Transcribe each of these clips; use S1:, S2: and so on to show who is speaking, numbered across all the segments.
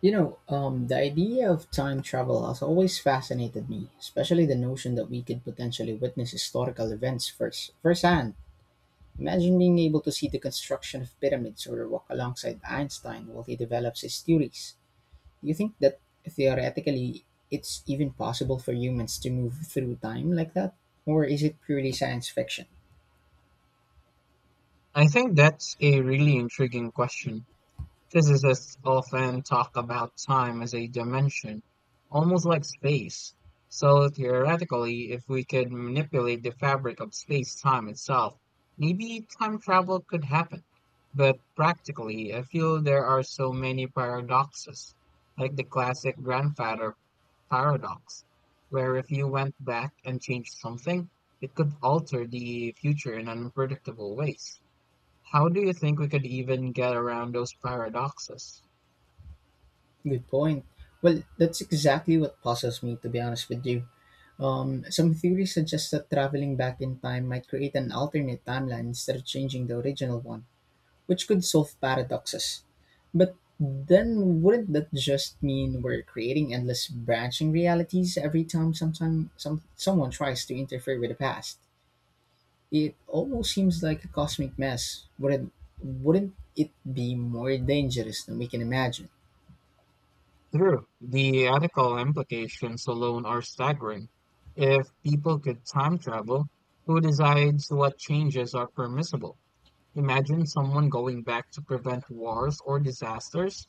S1: The idea of time travel has always fascinated me, especially the notion that we could potentially witness historical events firsthand. Imagine being able to see the construction of pyramids or walk alongside Einstein while he develops his theories. Do you think that theoretically it's even possible for humans to move through time like that? Or is it purely science fiction?
S2: I think that's a really intriguing question. Physicists often talk about time as a dimension, almost like space. So theoretically, if we could manipulate the fabric of space-time itself, maybe time travel could happen. But practically, I feel there are so many paradoxes, like the classic grandfather paradox, where if you went back and changed something, it could alter the future in unpredictable ways. How do you think we could even get around those paradoxes?
S1: Good point. Well, that's exactly what puzzles me, to be honest with you. Some theories suggest that traveling back in time might create an alternate timeline instead of changing the original one, which could solve paradoxes. But then wouldn't that just mean we're creating endless branching realities every time sometime some someone tries to interfere with the past? It almost seems like a cosmic mess. Wouldn't it be more dangerous than we can imagine?
S2: True, the ethical implications alone are staggering. If people could time travel, who decides what changes are permissible? Imagine someone going back to prevent wars or disasters.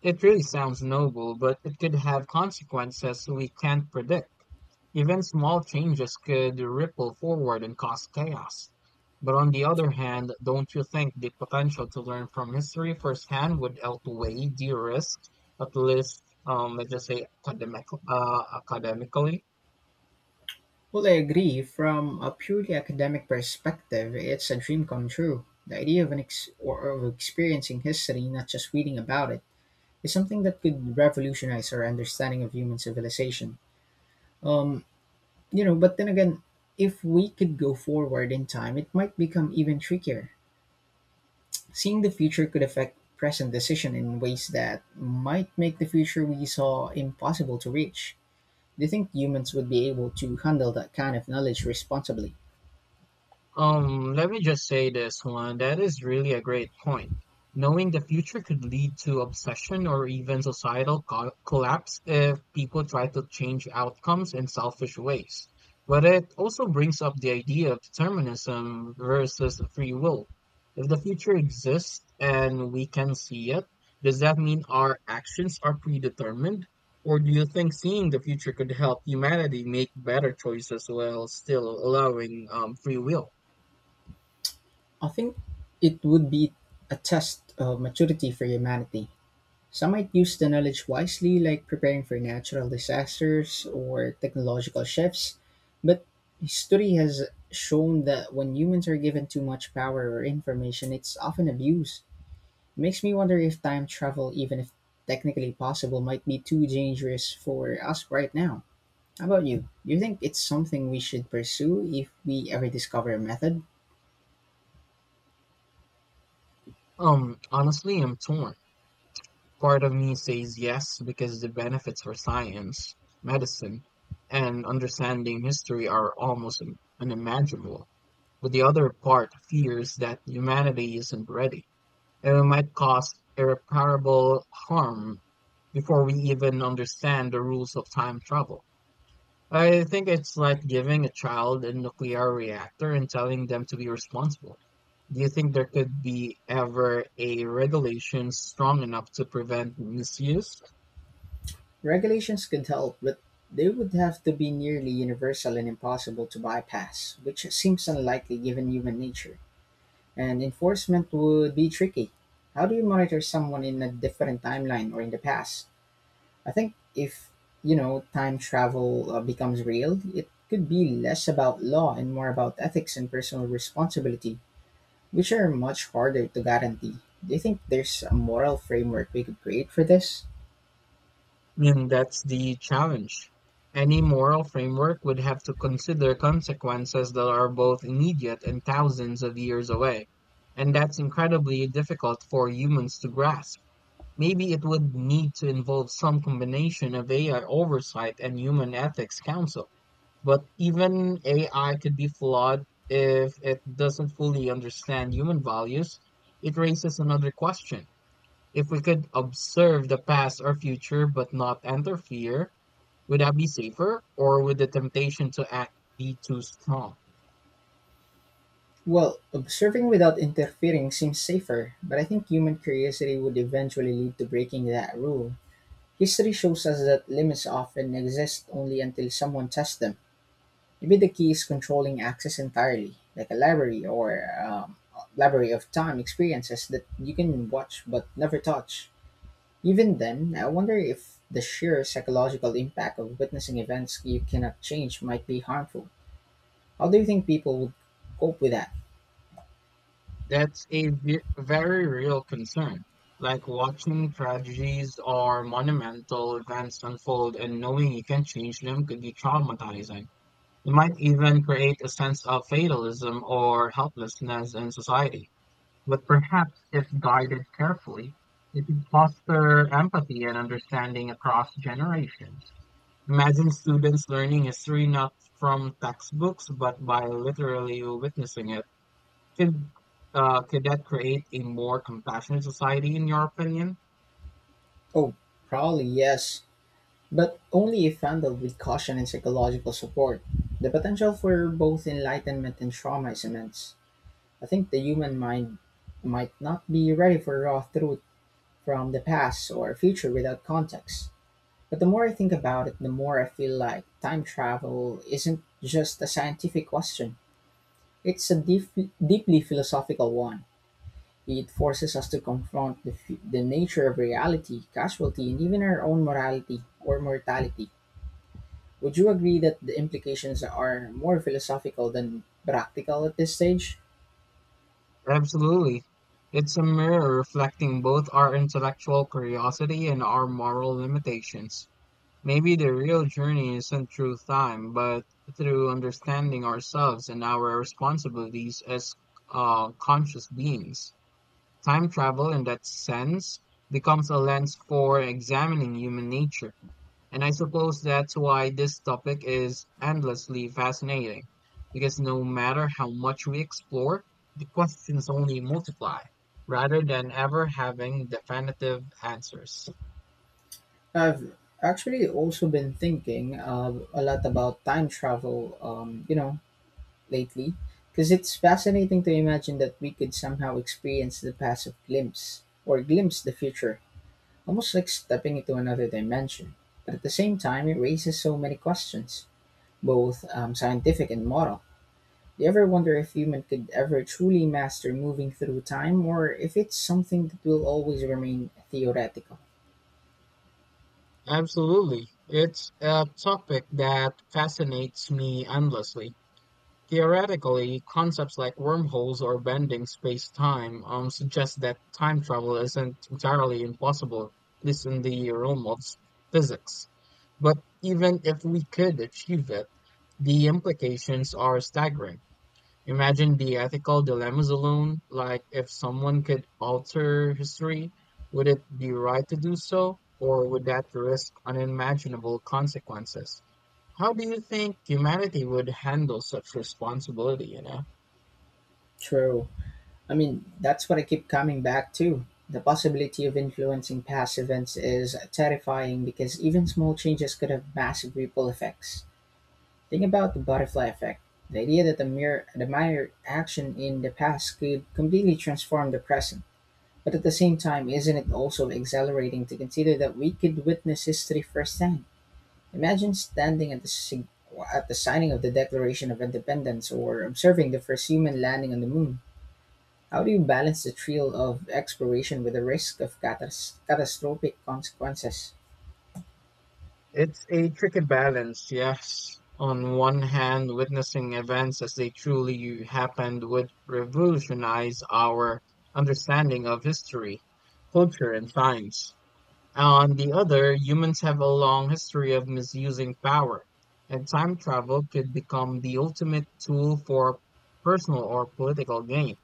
S2: It really sounds noble, but it could have consequences we can't predict. Even small changes could ripple forward and cause chaos. But on the other hand, don't you think the potential to learn from history firsthand would outweigh the risk, at least, let's just say academic, academically?
S1: Well, I agree. From a purely academic perspective, it's a dream come true. The idea of an ex- or of experiencing history, not just reading about it, is something that could revolutionize our understanding of human civilization. Um, but then again, if we could go forward in time, it might become even trickier. Seeing the future could affect present decision in ways that might make the future we saw impossible to reach. Do you think humans would be able to handle that kind of knowledge responsibly?
S2: Let me just say this one. That is really a great point. Knowing the future could lead to obsession or even societal collapse if people try to change outcomes in selfish ways. But it also brings up the idea of determinism versus free will. If the future exists and we can see it, does that mean our actions are predetermined? Or do you think seeing the future could help humanity make better choices while still allowing free will?
S1: I think it would be a test of maturity for humanity. Some might use the knowledge wisely, like preparing for natural disasters or technological shifts, but history has shown that when humans are given too much power or information, it's often abused. It makes me wonder if time travel, even if technically possible, might be too dangerous for us right now. How about you? Do you think it's something we should pursue if we ever discover a method?
S2: Honestly, I'm torn. Part of me says yes because the benefits for science, medicine, and understanding history are almost unimaginable. But the other part fears that humanity isn't ready, and it might cause irreparable harm before we even understand the rules of time travel. I think it's like giving a child a nuclear reactor and telling them to be responsible. Do you think there could be ever a regulation strong enough to prevent misuse?
S1: Regulations could help, but they would have to be nearly universal and impossible to bypass, which seems unlikely given human nature. And enforcement would be tricky. How do you monitor someone in a different timeline or in the past? I think if, you know, time travel becomes real, it could be less about law and more about ethics and personal responsibility, which are much harder to guarantee. Do you think there's a moral framework we could create for this?
S2: I mean, that's the challenge. Any moral framework would have to consider consequences that are both immediate and thousands of years away. And that's incredibly difficult for humans to grasp. Maybe it would need to involve some combination of AI oversight and human ethics council. But even AI could be flawed if it doesn't fully understand human values. It raises another question. If we could observe the past or future but not interfere, would that be safer, or would the temptation to act be too strong?
S1: Well, observing without interfering seems safer, but I think human curiosity would eventually lead to breaking that rule. History shows us that limits often exist only until someone tests them. Maybe the key is controlling access entirely, like a library or library of time experiences that you can watch but never touch. Even then, I wonder if the sheer psychological impact of witnessing events you cannot change might be harmful. How do you think people would cope with that?
S2: That's a very real concern. Like watching tragedies or monumental events unfold and knowing you can change them could be traumatizing. It might even create a sense of fatalism or helplessness in society. But perhaps, if guided carefully, it could foster empathy and understanding across generations. Imagine students learning history not from textbooks, but by literally witnessing it. Could, could that create a more compassionate society, in your opinion?
S1: Oh, probably yes. But only if handled with caution and psychological support. The potential for both enlightenment and trauma is immense. I think the human mind might not be ready for raw truth from the past or future without context. But the more I think about it, the more I feel like time travel isn't just a scientific question. It's a deep, deeply philosophical one. It forces us to confront the nature of reality, casualty, and even our own morality or mortality. Would you agree that the implications are more philosophical than practical at this stage?
S2: Absolutely. It's a mirror reflecting both our intellectual curiosity and our moral limitations. Maybe the real journey isn't through time, but through understanding ourselves and our responsibilities as conscious beings. Time travel, in that sense, becomes a lens for examining human nature. And I suppose that's why this topic is endlessly fascinating, because no matter how much we explore, the questions only multiply, rather than ever having definitive answers.
S1: I've actually also been thinking a lot about time travel, lately, because it's fascinating to imagine that we could somehow experience the past of glimpse or glimpse the future, almost like stepping into another dimension. But at the same time, it raises so many questions, both scientific and moral. Do you ever wonder if human could ever truly master moving through time, or if it's something that will always remain theoretical?
S2: Absolutely. It's a topic that fascinates me endlessly. Theoretically, concepts like wormholes or bending space-time suggest that time travel isn't entirely impossible, at least in the realm of physics. But even if we could achieve it, the implications are staggering. Imagine the ethical dilemmas alone, like if someone could alter history, would it be right to do so, or would that risk unimaginable consequences? How do you think humanity would handle such responsibility, you know?
S1: True. I mean, that's what I keep coming back to. The possibility of influencing past events is terrifying because even small changes could have massive ripple effects. Think about the butterfly effect. The idea that the mere action in the past could completely transform the present. But at the same time, isn't it also exhilarating to consider that we could witness history firsthand? Imagine standing at the signing of the Declaration of Independence or observing the first human landing on the moon. How do you balance the thrill of exploration with the risk of catastrophic consequences?
S2: It's a tricky balance, yes. On one hand, witnessing events as they truly happened would revolutionize our understanding of history, culture, and science. On the other, humans have a long history of misusing power, and time travel could become the ultimate tool for personal or political gain.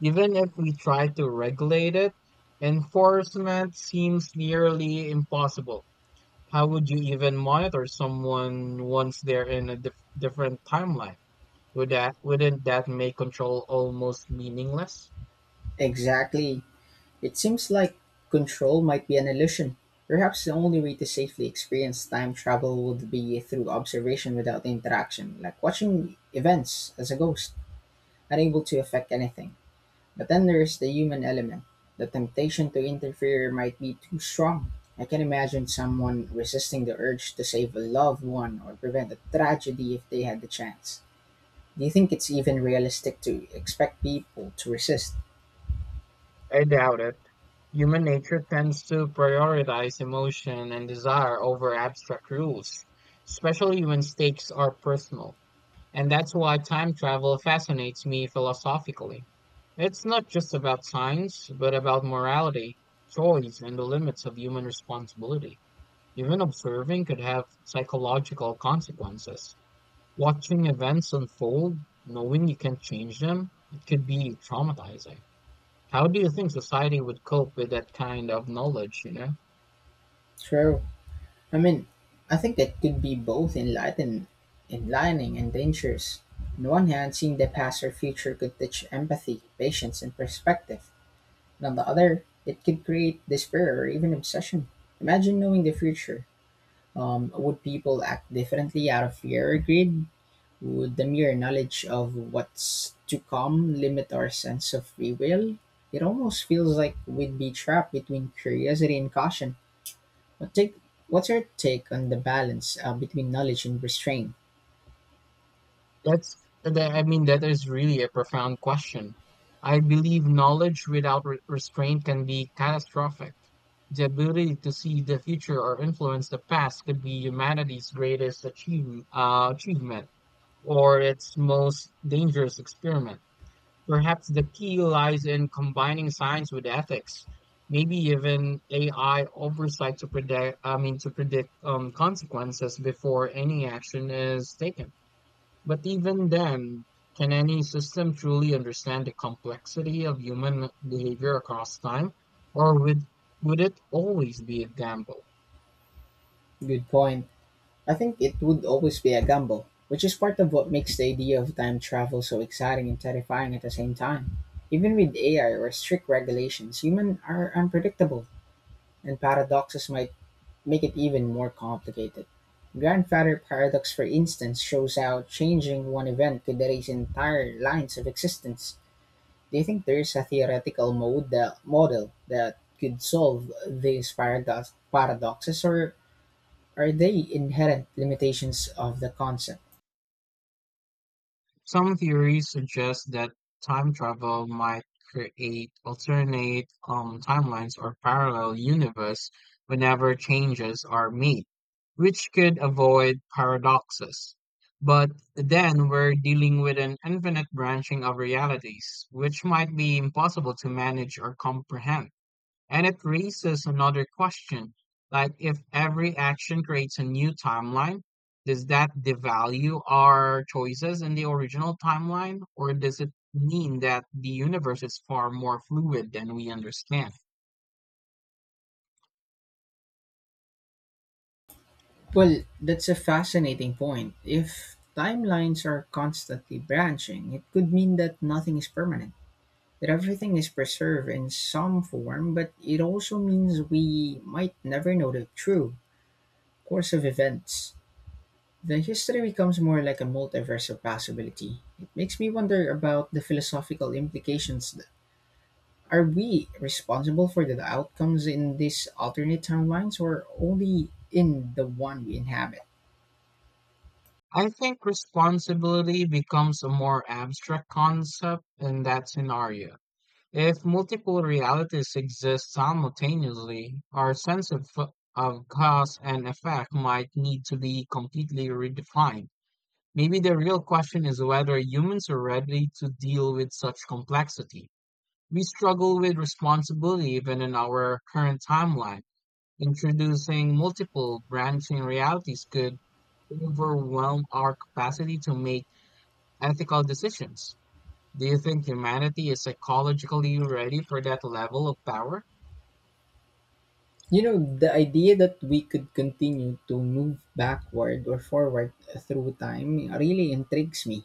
S2: Even if we try to regulate it, enforcement seems nearly impossible. How would you even monitor someone once they're in a different timeline? Wouldn't that make control almost meaningless?
S1: Exactly. It seems like control might be an illusion. Perhaps the only way to safely experience time travel would be through observation without interaction, like watching events as a ghost, unable to affect anything. But then there's the human element. The temptation to interfere might be too strong. I can imagine someone resisting the urge to save a loved one or prevent a tragedy if they had the chance. Do you think it's even realistic to expect people to resist?
S2: I doubt it. Human nature tends to prioritize emotion and desire over abstract rules, especially when stakes are personal. And that's why time travel fascinates me philosophically. It's not just about science, but about morality, choice, and the limits of human responsibility. Even observing could have psychological consequences. Watching events unfold, knowing you can't change them, it could be traumatizing. How do you think society would cope with that kind of knowledge, you know?
S1: True. I mean, I think that could be both enlightening and dangerous. On the one hand, seeing the past or future could teach empathy, patience, and perspective. And on the other, it could create despair or even obsession. Imagine knowing the future. Would people act differently out of fear or greed? Would the mere knowledge of what's to come limit our sense of free will? It almost feels like we'd be trapped between curiosity and caution. What take, what's your take on the balance between knowledge and restraint?
S2: That's I mean that is really a profound question. I believe knowledge without restraint can be catastrophic. The ability to see the future or influence the past could be humanity's greatest achievement or its most dangerous experiment. Perhaps the key lies in combining science with ethics, maybe even AI oversight to to predict consequences before any action is taken. But even then, can any system truly understand the complexity of human behavior across time, or would it always be a gamble?
S1: Good point. I think it would always be a gamble, which is part of what makes the idea of time travel so exciting and terrifying at the same time. Even with AI or strict regulations, humans are unpredictable, and paradoxes might make it even more complicated. Grandfather paradox for instance shows how changing one event could erase entire lines of existence. Do you think there is a theoretical model that could solve these paradoxes or are they inherent limitations of the concept?
S2: Some theories suggest that time travel might create alternate timelines or parallel universe whenever changes are made, which could avoid paradoxes. But then we're dealing with an infinite branching of realities, which might be impossible to manage or comprehend. And it raises another question, like if every action creates a new timeline, does that devalue our choices in the original timeline, or does it mean that the universe is far more fluid than we understand?
S1: Well, that's a fascinating point. If timelines are constantly branching, it could mean that nothing is permanent, that everything is preserved in some form, but it also means we might never know the true course of events. The history becomes more like a multiverse of possibility. It makes me wonder about the philosophical implications. Are we responsible for the outcomes in these alternate timelines or only in the one we inhabit?
S2: I think responsibility becomes a more abstract concept in that scenario. If multiple realities exist simultaneously, our sense of cause and effect might need to be completely redefined. Maybe the real question is whether humans are ready to deal with such complexity. We struggle with responsibility even in our current timeline. Introducing multiple branching realities could overwhelm our capacity to make ethical decisions. Do you think humanity is psychologically ready for that level of power?
S1: You know, the idea that we could continue to move backward or forward through time really intrigues me.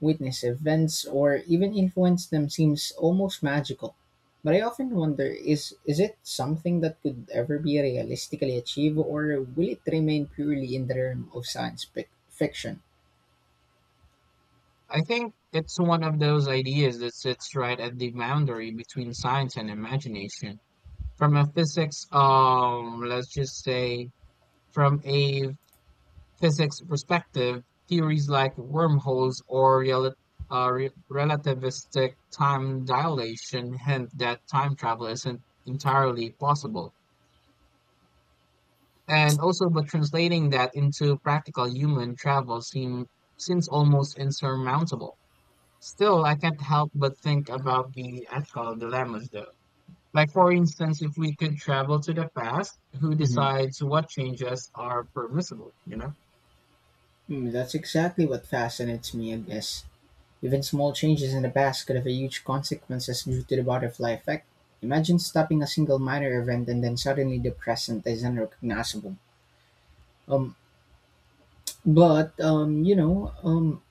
S1: Witness events or even influence them seems almost magical. But I often wonder, is it something that could ever be realistically achieved or will it remain purely in the realm of fiction?
S2: I think it's one of those ideas that sits right at the boundary between science and imagination. From a physics, let's just say, from a physics perspective, theories like wormholes or relativistic time dilation hint that time travel isn't entirely possible. And also, but translating that into practical human travel seems almost insurmountable. Still, I can't help but think about the ethical dilemmas, though. Like, for instance, if we could travel to the past, who
S1: Mhm.
S2: decides what changes are permissible, you know?
S1: Mm, that's exactly what fascinates me, I guess. Even small changes in the past could have huge consequences due to the butterfly effect. Imagine stopping a single minor event and then suddenly the present is unrecognizable. Um, but um, you know, um,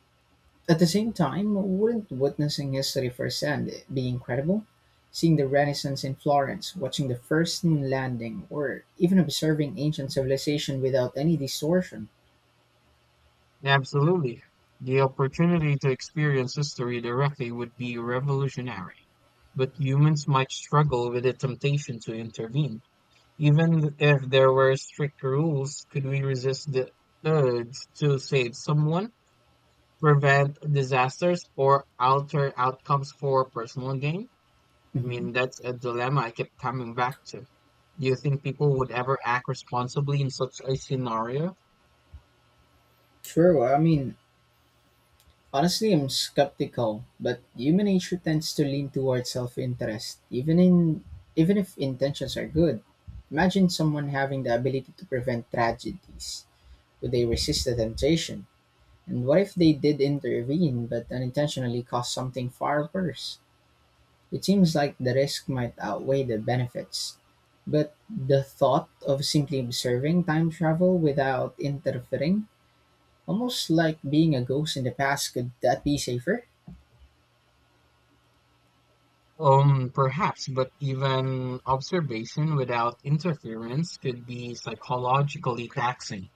S1: At the same time, wouldn't witnessing history firsthand be incredible? Seeing the Renaissance in Florence, watching the first moon landing, or even observing ancient civilization without any distortion.
S2: Absolutely. The opportunity to experience history directly would be revolutionary, but humans might struggle with the temptation to intervene. Even if there were strict rules, could we resist the urge to save someone, prevent disasters, or alter outcomes for personal gain? I
S1: Hmm.
S2: mean, that's a dilemma I kept coming back to. Do you think people would ever act responsibly in such a scenario?
S1: True, I mean, honestly, I'm skeptical, but human nature tends to lean towards self interest, even if intentions are good. Imagine someone having the ability to prevent tragedies. Would they resist the temptation? And what if they did intervene but unintentionally caused something far worse? It seems like the risk might outweigh the benefits. But the thought of simply observing time travel without interfering, almost like being a ghost in the past, could that be safer?
S2: Perhaps, but even observation without interference could be psychologically taxing.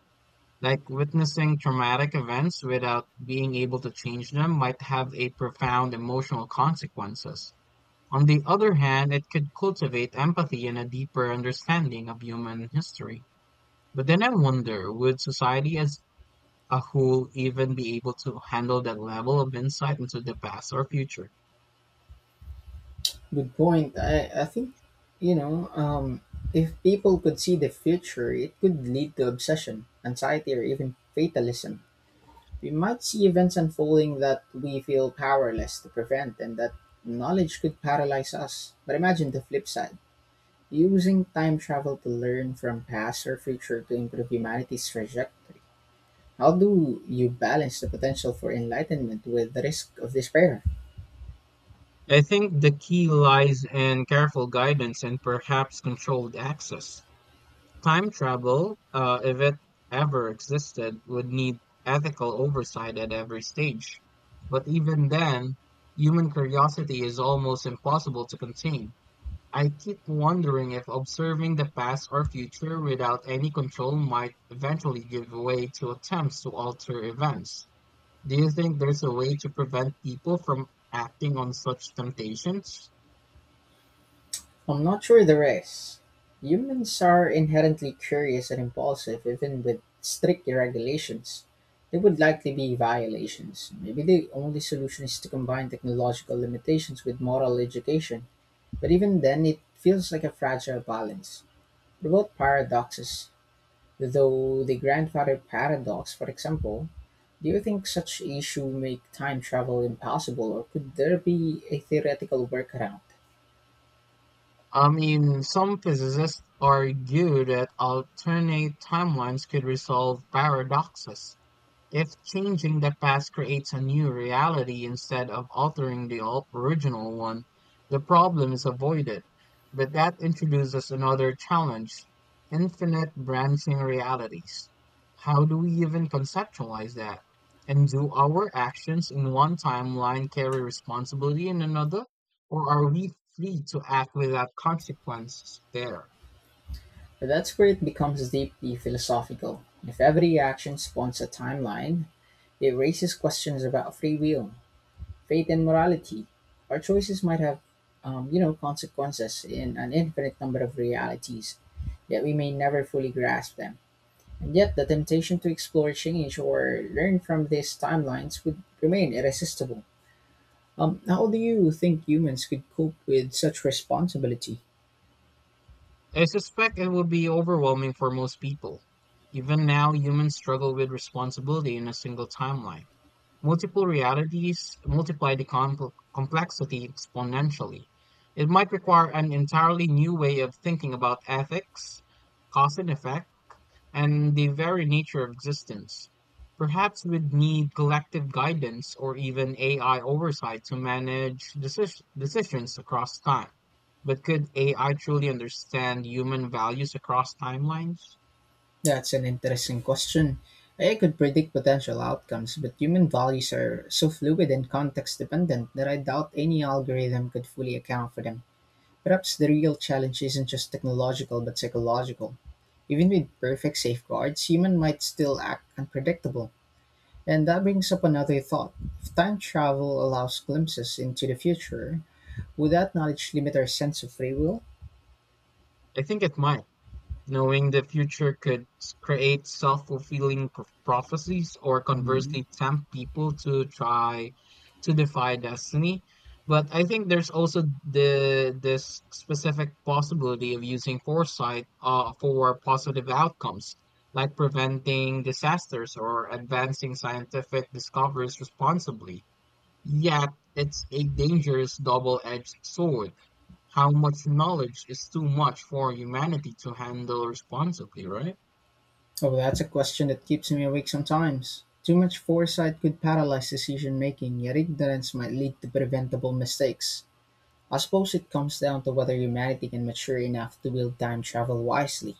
S2: Like witnessing traumatic events without being able to change them might have a profound emotional consequences. On the other hand, it could cultivate empathy and a deeper understanding of human history. But then I wonder, would society as a whole even be able to handle that level of insight into the past or future?
S1: Good point. I think, you know, um, if people could see the future, it could lead to obsession, anxiety, or even fatalism. We might see events unfolding that we feel powerless to prevent, and that knowledge could paralyze us. But imagine the flip side, using time travel to learn from past or future to improve humanity's trajectory. How do you balance the potential for enlightenment with the risk of despair?
S2: I think the key lies in careful guidance and perhaps controlled access. Time travel, if it ever existed, would need ethical oversight at every stage. But even then, human curiosity is almost impossible to contain. I keep wondering if observing the past or future without any control might eventually give way to attempts to alter events. Do you think there's a way to prevent people from acting on such temptations?
S1: I'm not sure the rest. Humans are inherently curious and impulsive. Even with strict regulations, there would likely be violations. Maybe the only solution is to combine technological limitations with moral education. But even then, it feels like a fragile balance. What about paradoxes? Though the grandfather paradox, for example, do you think such issue make time travel impossible, or could there be a theoretical workaround?
S2: I mean, some physicists argue that alternate timelines could resolve paradoxes. If changing the past creates a new reality instead of altering the original one, the problem is avoided. But that introduces another challenge infinite branching realities. How do we even conceptualize that? And do our actions in one timeline carry responsibility in another? Or are we free to act without consequences there?
S1: But that's where it becomes deeply philosophical. If every action spawns a timeline, it raises questions about free will, fate, and morality. Our choices might have, consequences in an infinite number of realities, yet we may never fully grasp them. And yet, the temptation to explore, change, or learn from these timelines would remain irresistible. How do you think humans could cope with such responsibility?
S2: I suspect it would be overwhelming for most people. Even now, humans struggle with responsibility in a single timeline. Multiple realities multiply the complexity exponentially. It might require an entirely new way of thinking about ethics, cause and effect, and the very nature of existence. Perhaps we'd need collective guidance or even AI oversight to manage decisions across time. But could AI truly understand human values across timelines?
S1: That's an interesting question. I could predict potential outcomes, but human values are so fluid and context dependent that I doubt any algorithm could fully account for them. Perhaps the real challenge isn't just technological but psychological. Even with perfect safeguards, human might still act unpredictable. And that brings up another thought. If time travel allows glimpses into the future, would that knowledge limit our sense of free will?
S2: I think it might. Knowing the future could create self-fulfilling prophecies or
S1: Mhm.
S2: conversely tempt people to try to defy destiny. But I think there's also the this specific possibility of using foresight for positive outcomes, like preventing disasters or advancing scientific discoveries responsibly. Yet it's a dangerous double-edged sword how much knowledge is too much for humanity to handle responsibly, right?
S1: Oh, that's a question that keeps me awake sometimes. Too much foresight could paralyze decision making, yet ignorance might lead to preventable mistakes. I suppose it comes down to whether humanity can mature enough to wield time travel wisely.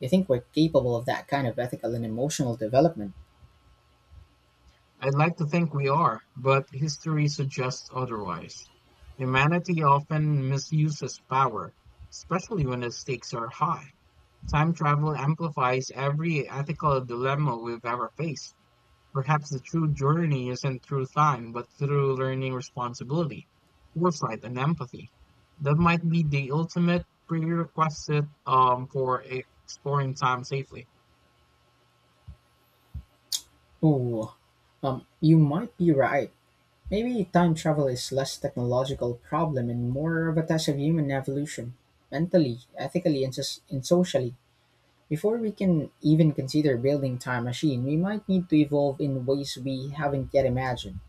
S1: You think we're capable of that kind of ethical and emotional development?
S2: I'd like to think we are, but history suggests otherwise. Humanity often misuses power, especially when the stakes are high. Time travel amplifies every ethical dilemma we've ever faced. Perhaps the true journey isn't through time, but through learning responsibility, foresight, and empathy. That might be the ultimate prerequisite for exploring time safely.
S1: Oh, you might be right. Maybe time travel is less technological problem and more of a test of human evolution, mentally, ethically, and socially. Before we can even consider building time machine, we might need to evolve in ways we haven't yet imagined.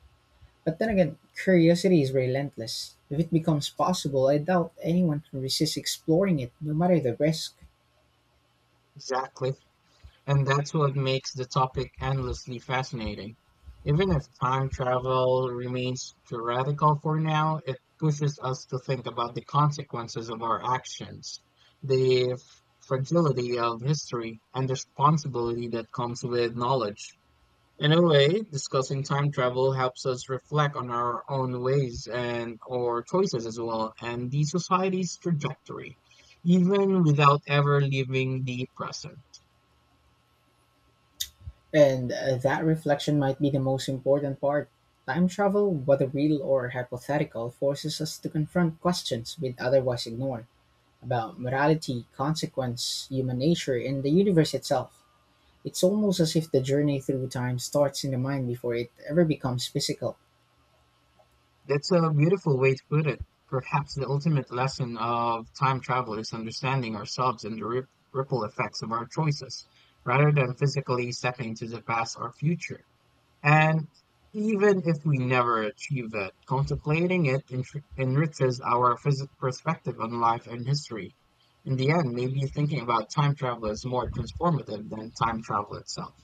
S1: But then again, curiosity is relentless. If it becomes possible, I doubt anyone can resist exploring it, no matter the risk.
S2: Exactly. And that's what makes the topic endlessly fascinating. Even if time travel remains theoretical for now, it pushes us to think about the consequences of our actions, the fragility of history, and the responsibility that comes with knowledge. In a way, discussing time travel helps us reflect on our own ways and or choices as well, and the society's trajectory, even without ever leaving the present.
S1: And that reflection might be the most important part. Time travel, whether real or hypothetical, forces us to confront questions we'd otherwise ignore about morality, consequence, human nature, and the universe itself. It's almost as if the journey through time starts in the mind before it ever becomes physical.
S2: That's a beautiful way to put it. Perhaps the ultimate lesson of time travel is understanding ourselves and the ripple effects of our choices, rather than physically stepping into the past or future. And even if we never achieve it, contemplating it enriches our perspective on life and history. In the end, maybe thinking about time travel is more transformative than time travel itself.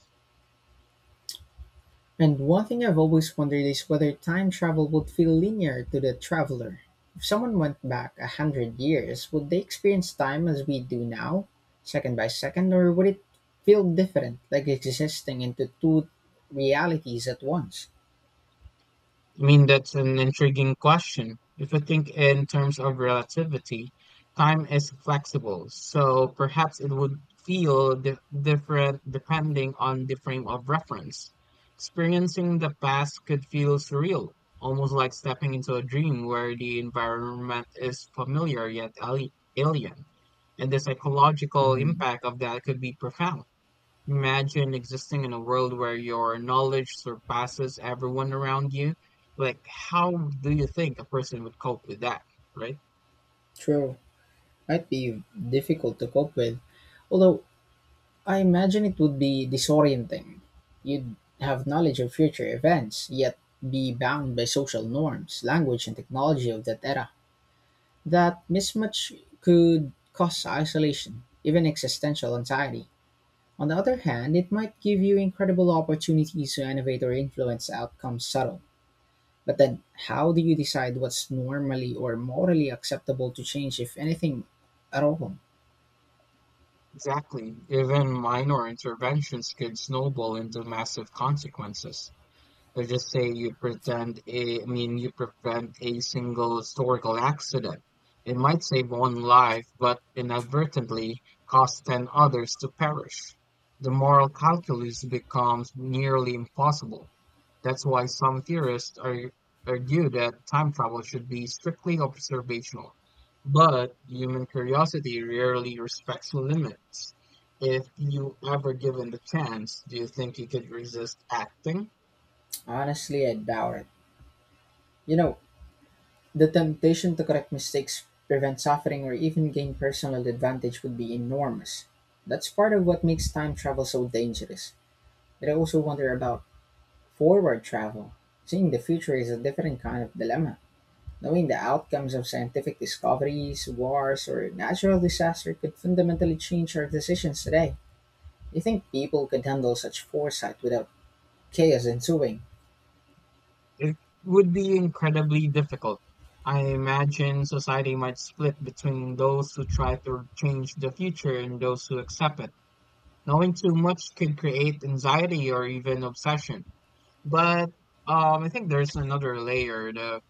S1: And one thing I've always wondered is whether time travel would feel linear to the traveler. If someone went back 100 years, would they experience time as we do now, second by second, or would it feel different, like existing into two realities at once?
S2: I mean, that's an intriguing question. If you think in terms of relativity, time is flexible, so perhaps it would feel different depending on the frame of reference. Experiencing the past could feel surreal, almost like stepping into a dream where the environment is familiar yet alien, and the psychological
S1: Hmm.
S2: impact of that could be profound. Imagine existing in a world where your knowledge surpasses everyone around you. Like, how do you think a person would cope with that, right?
S1: True, might be difficult to cope with. Although I imagine it would be disorienting. You'd have knowledge of future events, yet be bound by social norms, language, and technology of that era. That mismatch could cause isolation, even existential anxiety. On the other hand, it might give you incredible opportunities to innovate or influence outcomes subtle. But then, how do you decide what's normally or morally acceptable to change, if anything at all?
S2: Exactly. Even minor interventions could snowball into massive consequences. Let's just say you pretend a, I mean, you prevent a single historical accident. It might save one life, but inadvertently cause 10 others to perish. The moral calculus becomes nearly impossible. That's why some theorists argue that time travel should be strictly observational. But human curiosity rarely respects limits. If you ever given the chance, do you think you could resist acting?
S1: Honestly, I doubt it. You know, the temptation to correct mistakes, prevent suffering, or even gain personal advantage would be enormous. That's part of what makes time travel so dangerous. But I also wonder about forward travel. Seeing the future is a different kind of dilemma. Knowing the outcomes of scientific discoveries, wars, or natural disaster could fundamentally change our decisions today. Do you think people could handle such foresight without chaos ensuing?
S2: It would be incredibly difficult. I imagine society might split between those who try to change the future and those who accept it. Knowing too much could create anxiety or even obsession. But I think there's another layer. The,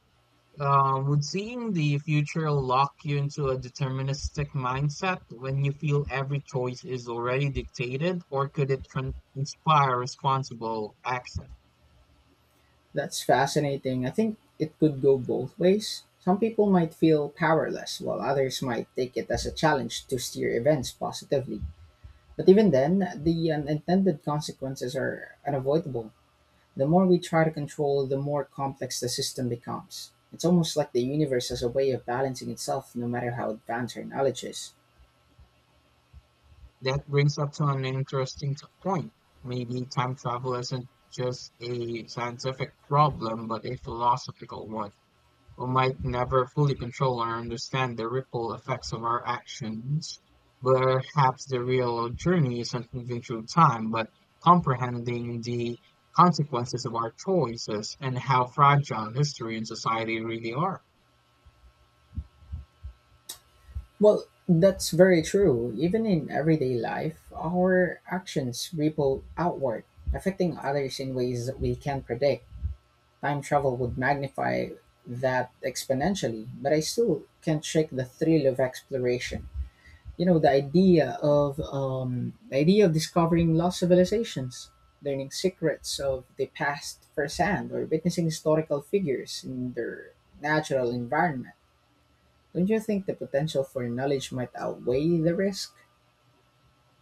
S2: um, Would seeing the future lock you into a deterministic mindset when you feel every choice is already dictated, or could it inspire responsible action?
S1: That's fascinating. I think it could go both ways. Some people might feel powerless, while others might take it as a challenge to steer events positively. But even then, the unintended consequences are unavoidable. The more we try to control, the more complex the system becomes. It's almost like the universe has a way of balancing itself no matter how advanced our knowledge is.
S2: That brings up to an interesting point. Maybe time travel isn't just a scientific problem, but a philosophical one. We might never fully control or understand the ripple effects of our actions. Perhaps the real journey isn't moving through time, but comprehending the consequences of our choices and how fragile history and society really are.
S1: Well, that's very true. Even in everyday life, our actions ripple outward, affecting others in ways that we can't predict. Time travel would magnify that exponentially, but I still can't shake the thrill of exploration. You know, the idea of the idea of discovering lost civilizations, learning secrets of the past firsthand, or witnessing historical figures in their natural environment. Don't you think the potential for knowledge might outweigh the risk?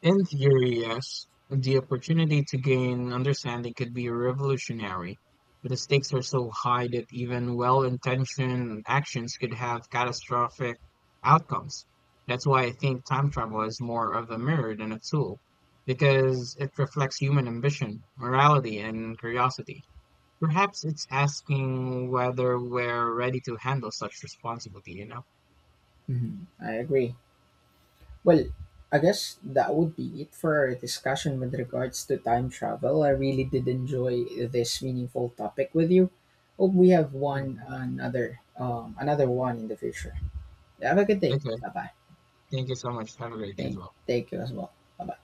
S2: In theory, yes. The opportunity to gain understanding could be revolutionary, but the stakes are so high that even well intentioned actions could have catastrophic outcomes. That's why I think time travel is more of a mirror than a tool, because it reflects human ambition, morality, and curiosity. Perhaps it's asking whether we're ready to handle such responsibility, you know?
S1: Mhm, I agree. Well, I guess that would be it for our discussion with regards to time travel. I really did enjoy this meaningful topic with you. Hope we have one
S2: Mhm.
S1: another another one in the future. Have a good day.
S2: Okay,
S1: Bye bye.
S2: thank you so much. Have a great day as
S1: Thank,
S2: well.
S1: thank you as well. Bye bye.